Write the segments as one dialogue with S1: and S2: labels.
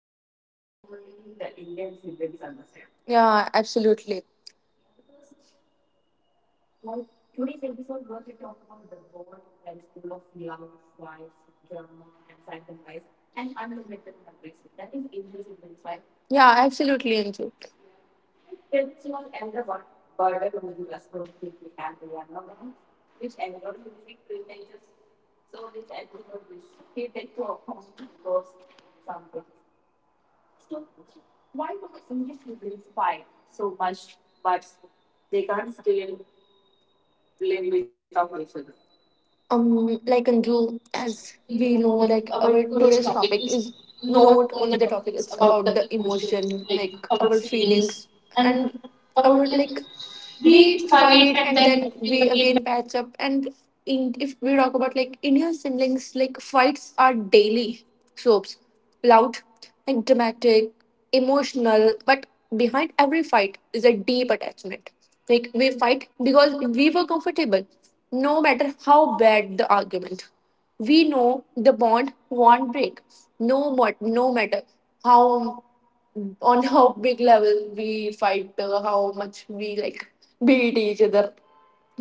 S1: Like, yeah, absolutely. Yeah, absolutely, Anju. Like Anju, as we know, like our today's topic is not only the topic; it's about the emotion, like our feelings and our like we fight and then we again patch up and if we talk about like indian siblings, like fights are daily soaps, loud and dramatic, emotional, but behind every fight is a deep attachment. Like we fight because we were comfortable. No matter how bad the argument, we know the bond won't break. No matter how, on how big level we fight, how much we like beat each other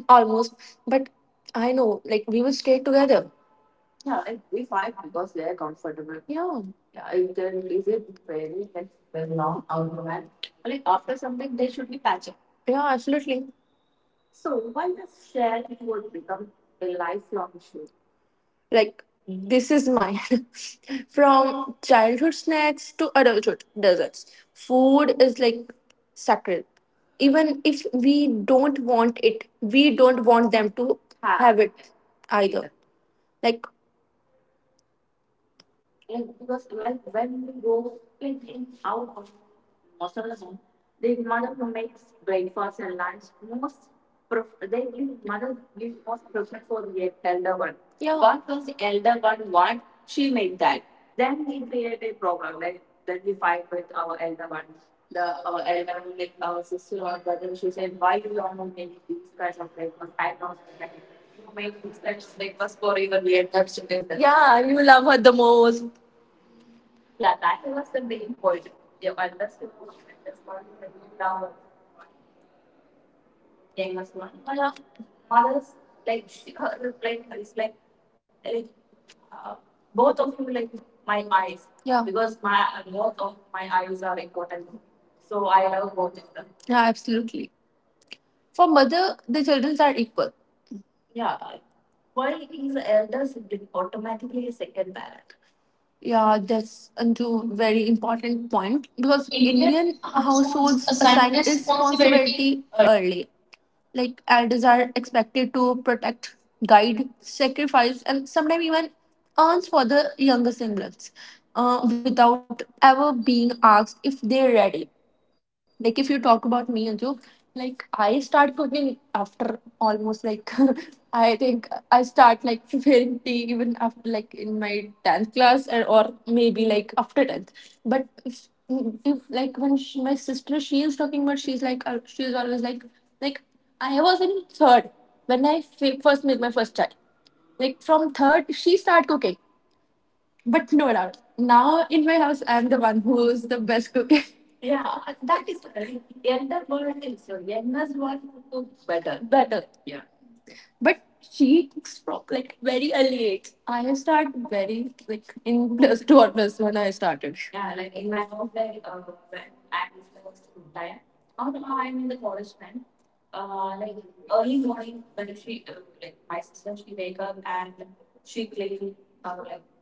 S1: almost. But I know, like, we will stay together. Yeah, yeah, absolutely. Like, this is mine. From childhood snacks to adulthood desserts, food is like sacred. Even if we don't want it, we don't want them to have it either. Like, Yeah. Yeah, you love her the most. Yeah. Yeah. Yeah, absolutely. For mother, the children are equal. Yeah, that's a two very important point because Indian households assign responsibility early. Like elders are expected to protect, guide, sacrifice, and sometimes even earns for the younger siblings, without ever being asked if they're ready. Like if you talk about me, Anju, like I start cooking after almost like I start like preparing tea even after like in my 10th class, or maybe like after 10th. But If like when she, my sister, she is talking about, she's like she's always like like I was in third when first made my first child, like from third she start cooking. But no doubt, now in my house, I'm the one who's the best cook. Yeah, that is younger one is so youngest one cook better. Better. But she cooks from like very early age. I start very like in plus two or plus one I started. Yeah, like in my house like like,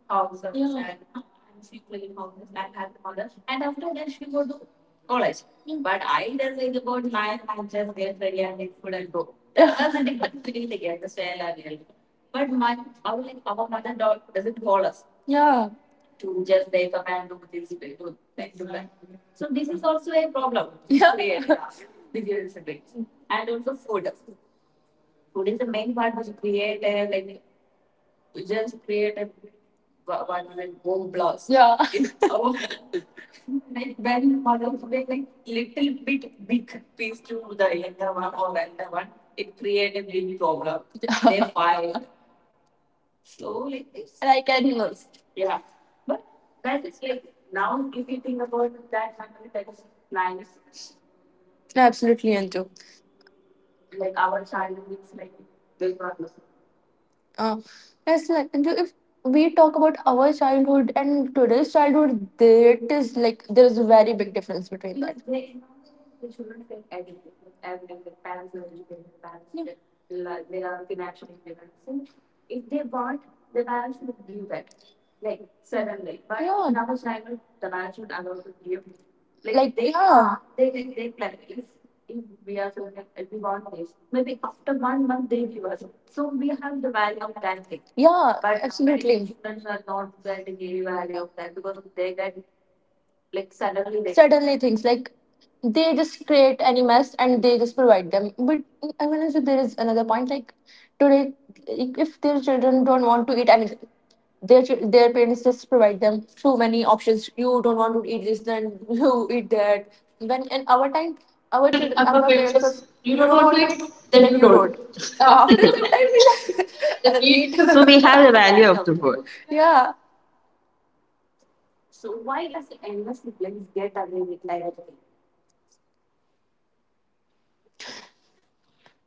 S1: house of yeah. Yeah. Yeah. Like, so this is also a problem. Yeah. Create. Yeah. You just create a one home blast. Yeah. In our- they file slowly. And I can absolutely into. Uh, Yes, like Anju, if we talk about our childhood and today's childhood, there it is like there is a very big difference between that. Yeah. Yeah. Like, yeah. Yeah, suddenly things like they just create any mess and they just provide them. But I mean, also there is another point like today, like, if their children don't want to eat anything, their parents just provide them so many options. You don't want to eat this then you eat that. When in our time,
S2: I'm a
S1: our parents was,
S2: You
S1: you
S2: don't
S1: don't
S2: want
S1: want to
S2: it,
S1: eat
S2: then
S1: then
S2: you
S1: you
S2: don't.
S1: don't,
S2: After
S1: after some
S2: that,
S1: time
S2: the
S1: we
S2: need-
S1: eat
S2: so we have the value
S1: see.
S2: of the food.
S1: Yeah,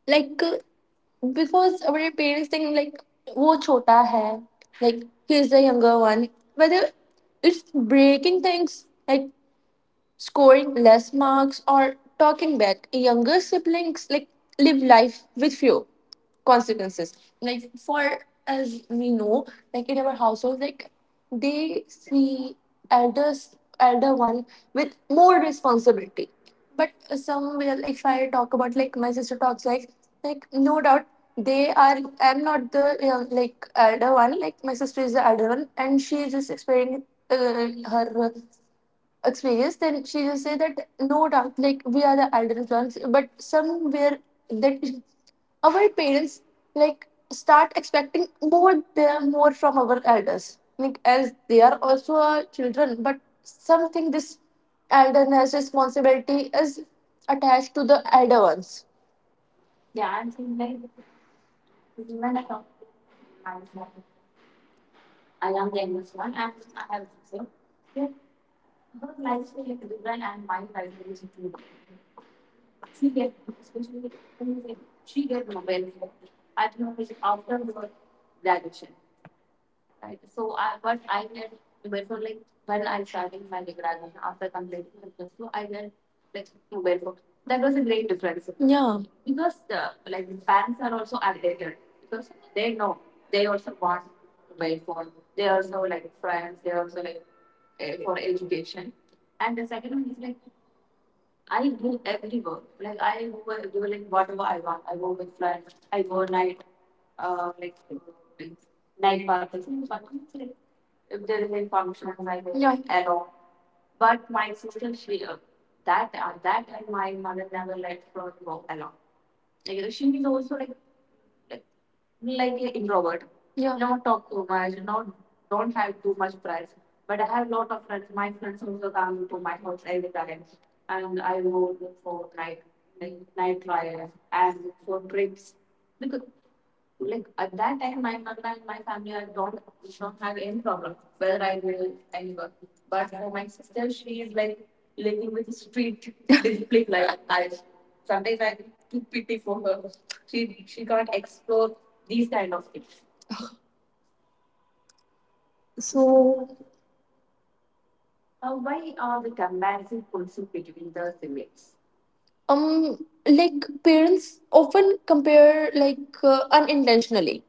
S1: like because our parents think like wo chota hai, like he's the younger one. Whether it's breaking things like scoring less marks or talking back, younger siblings like live life with few consequences. Like, for as we know, like in our household like they see elders, elder one with more responsibility. But some will, if I talk about like my sister talks like no doubt they are, I'm not the like elder one. Like my sister is the elder one and she is just experiencing uh, her experience, then she will say that no doubt, like we are the elder ones, but somewhere that our parents like start expecting more there, more from our elders, like as they are also our children, but something this elderness responsibility is attached to the elder ones. Yeah. If there is any function, like yeah, yeah, not talk too much, not
S2: So,
S1: um like parents often compare like unintentionally,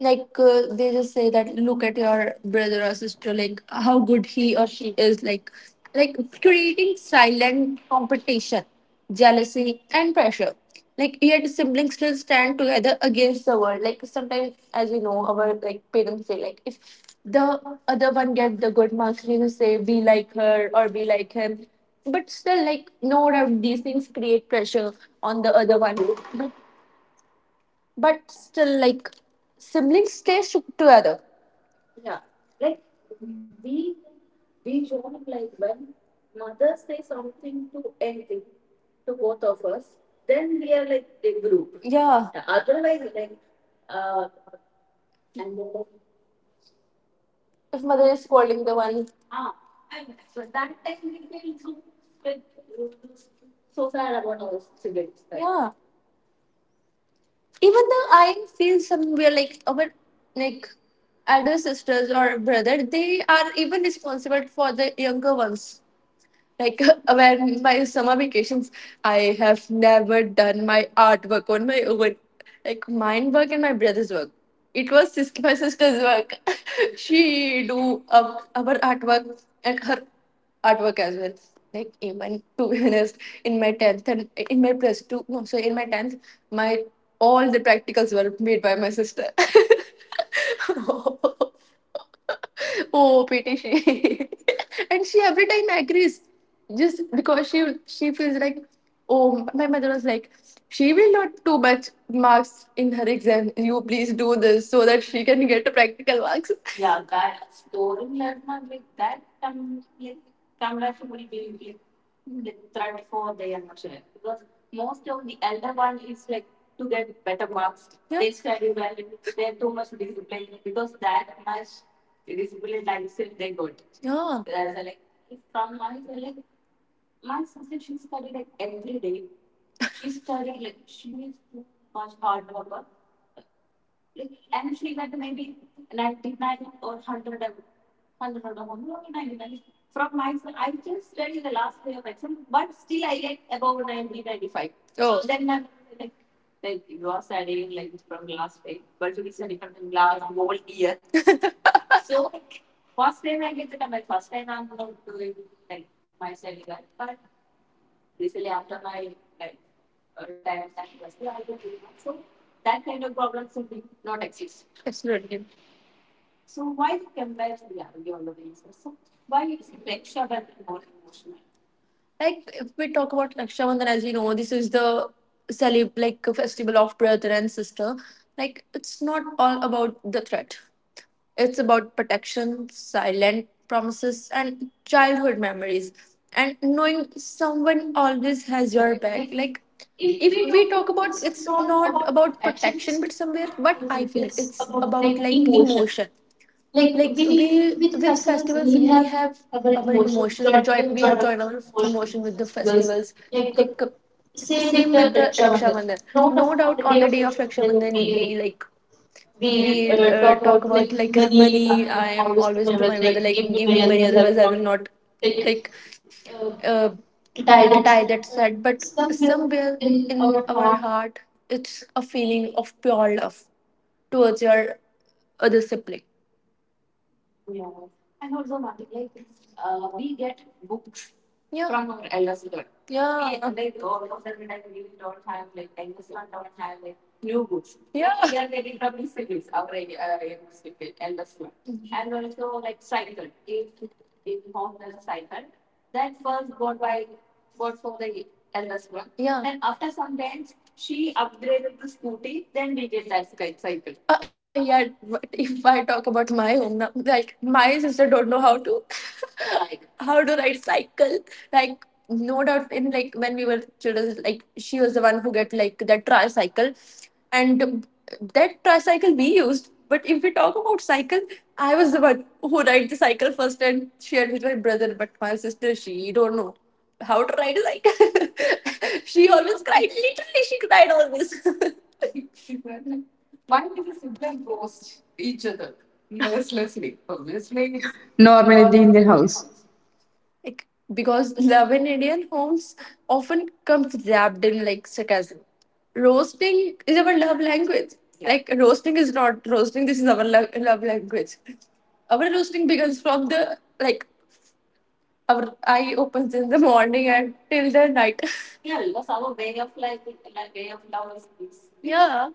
S1: like they just say that look at your brother or sister, like how good he or she is, like creating silent competition, jealousy and pressure. Like yet siblings still stand together against the world. Like sometimes, as you know, our like parents say like if the other one get the good marks they just say be like her or be like him, but still like no doubt these things create pressure on the other one. But but still like siblings stay together. Yeah, if mother is scolding the one, yeah, even though I feel somewhere like our like elder sisters or brother, they are even responsible for the younger ones. Like, when my summer vacations, I have never done my artwork on my own. Like mine work and my brother's work, it was my sister's work. She do our artwork and her artwork as well. Like, even to be honest, in my 10th and in my plus 2, no, so in my 10th, my all the practicals were made by my sister. Oh, pity she. And she every time agrees just because she feels like, oh, my mother was like, she will not too much marks in her exam. You please do this so that she can get practical marks. Yeah. They study well. They have too much discipline because that much. Yeah. Oh. Then my- like, absolutely. Like if we talk about Raksha Bandhan, as you know, this is the celeb like a festival of brother and sister. Like it's not all about the threat. It's about protection, silent promises, and childhood memories, and knowing someone always has your back. Like if we talk about, it's not about protection, but somewhere what I feel it's about like emotion. Like we with festivals we have our emotion join we have joined our emotion with the festivals, like same with the raksha bandhan. No doubt, on the day of raksha bandhan, we like we talk about like money. I am always to my brother like give me money, otherwise I will not like uh, tie that said. But somewhere in our heart it's a feeling of pure love towards your other sibling. Yeah. Yeah. L1. Yeah. And after some games, she upgraded to scooty. Then we get that sky cycle. Yeah. But if I talk about my home now, like my sister don't know how to how to ride cycle. Like no doubt, in like when we were children, like she was the one who get like that tricycle, and that tricycle we used. But if we talk about cycle, I was the one who ride the cycle first and shared with my brother. But my sister, she don't know how to ride a cycle. She always cried. Literally, she cried always.
S2: normally in the Indian house.
S1: Like because love in Indian homes often comes wrapped in like sarcasm. Roasting is our love language. Yeah. Like roasting is not roasting. This is our love language. Our roasting begins from the like our eye opens in the morning and till the night. Yeah.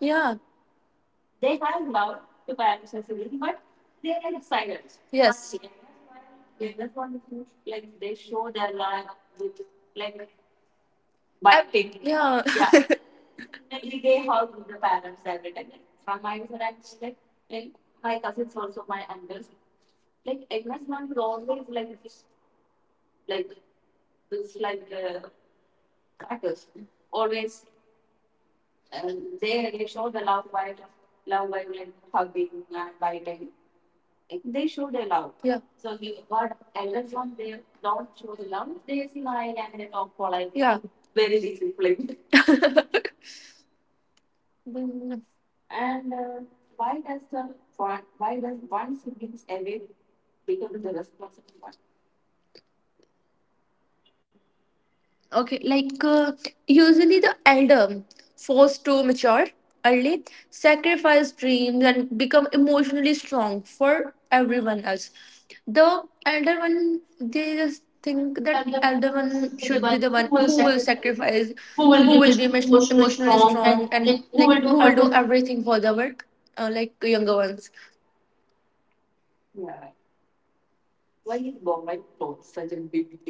S1: Yeah. Yes. But big. Yeah. Yeah. Yeah. Then. Okay, like usually the elder forced to mature early, sacrifice dreams, and become emotionally strong for everyone else. The elder one, they just think that elder one should be the one who will sacrifice, who will be emotionally strong, and like who will do everything for the work, like younger ones.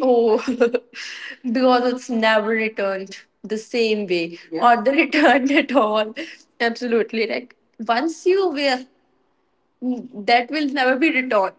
S1: Oh, because it's never returned the same way or the returned at all. Absolutely. Like once you wear, that will never be returned.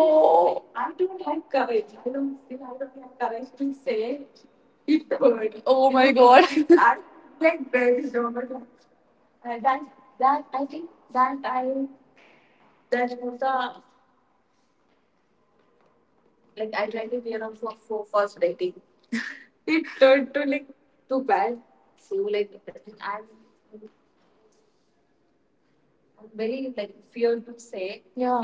S1: Oh God. Yeah.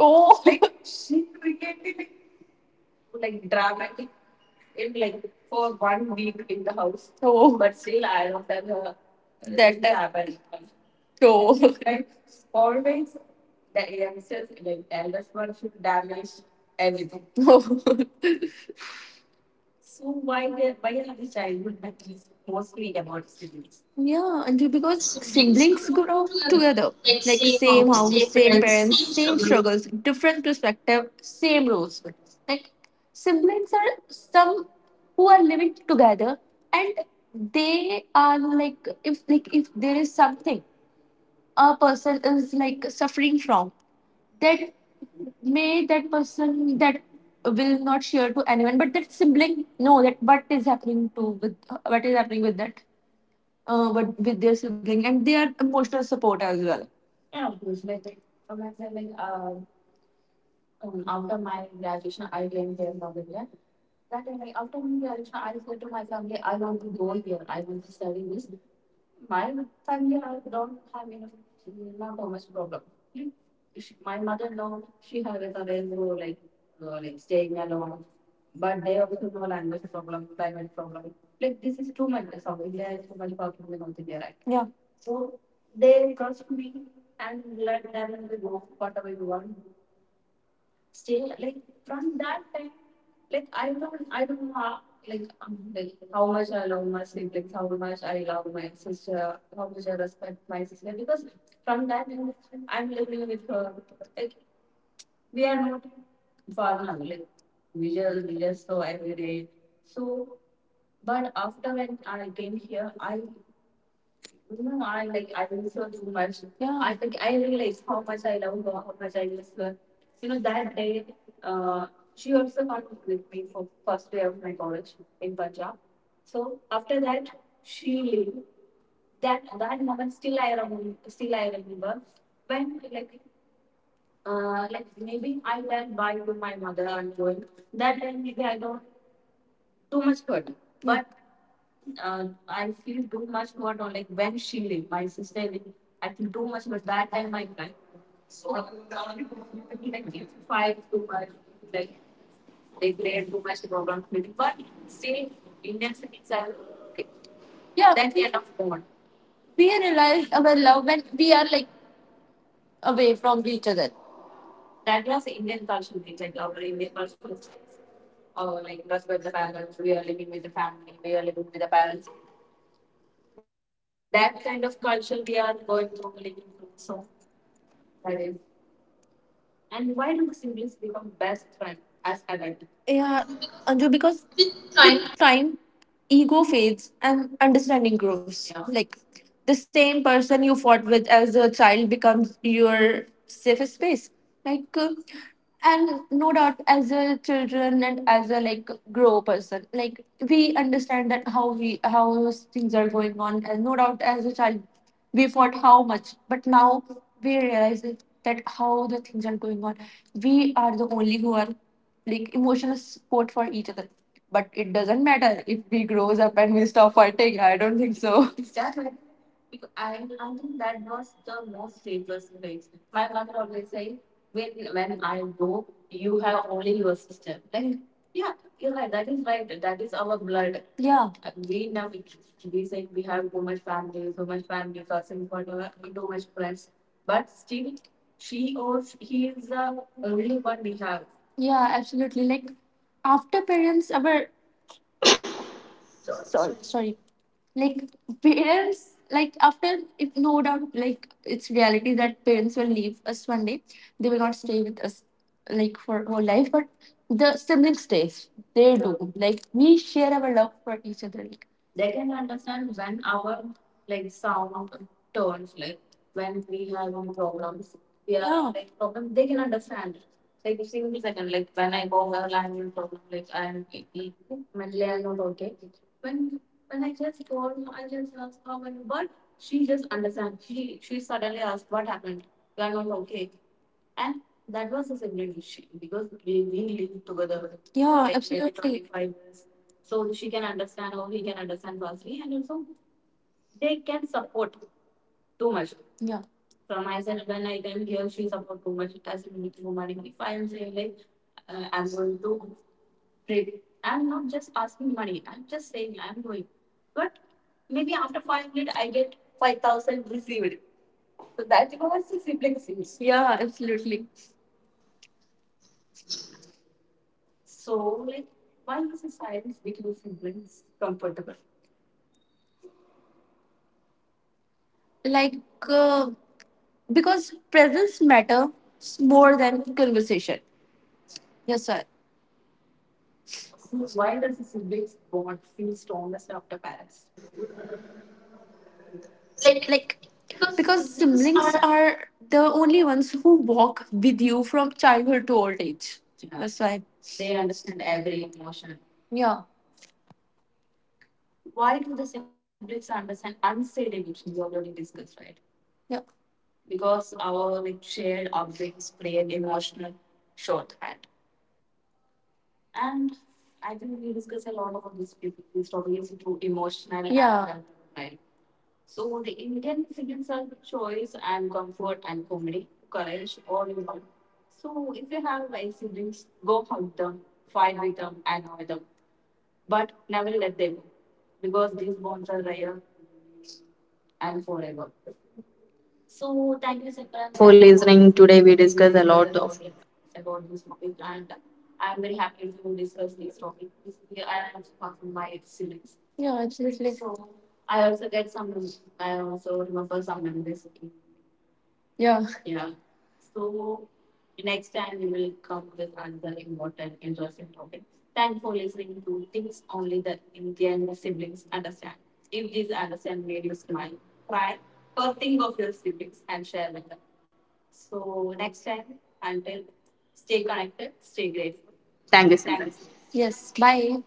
S1: Oh. Like, oh. Oh. Yeah, and because siblings grow up together, like same house, same parents, same struggles, different perspective, same roles. But, like siblings are some who are living together, and they are like if, like if there is something a person is like suffering from, that may that person that will not share to anyone, but that sibling know that what is happening with that but with their sibling and their emotional support as well. Yeah. But yeah, then we are loved. We realize our love when we are like away from each other. Yeah, Anju, because with time, ego fades and understanding grows. Yeah. Like the same person you fought with as a child becomes your safest space. Like, and no doubt, as a children and as a like grow person, like we understand that how things are going on, and no doubt, as a child, we fought how much, but now we realize that how the things are going on. We are the only who are like emotional support for each other. But it doesn't matter if we grows up and we stop fighting. I don't think so. Yeah, yeah, absolutely. Like after parents, our sorry, like parents like after, if no doubt like it's reality that parents will leave us one day, they will not stay with us like for whole life, but the sibling stays. They do, like we share our love for each other. Like they can understand when our like sound turns like when we have any problems. Yeah, yeah. Like problem they can understand. Yeah. Like, absolutely 25 years. Yeah. Really. So that's what the sibling seems. Yeah, absolutely. Like uh, because presence matters more than conversation. Yes sir. Like because siblings are the only ones who walk with you from childhood to old age. Yeah. That's why. Yeah. Yeah. And I think we discuss a lot about this, these topics too emotional. Yeah. And-
S2: For listening today, we discuss a lot of.
S1: yeah, absolutely. So- yeah.
S2: Thank you, Simran.
S1: Yes, bye.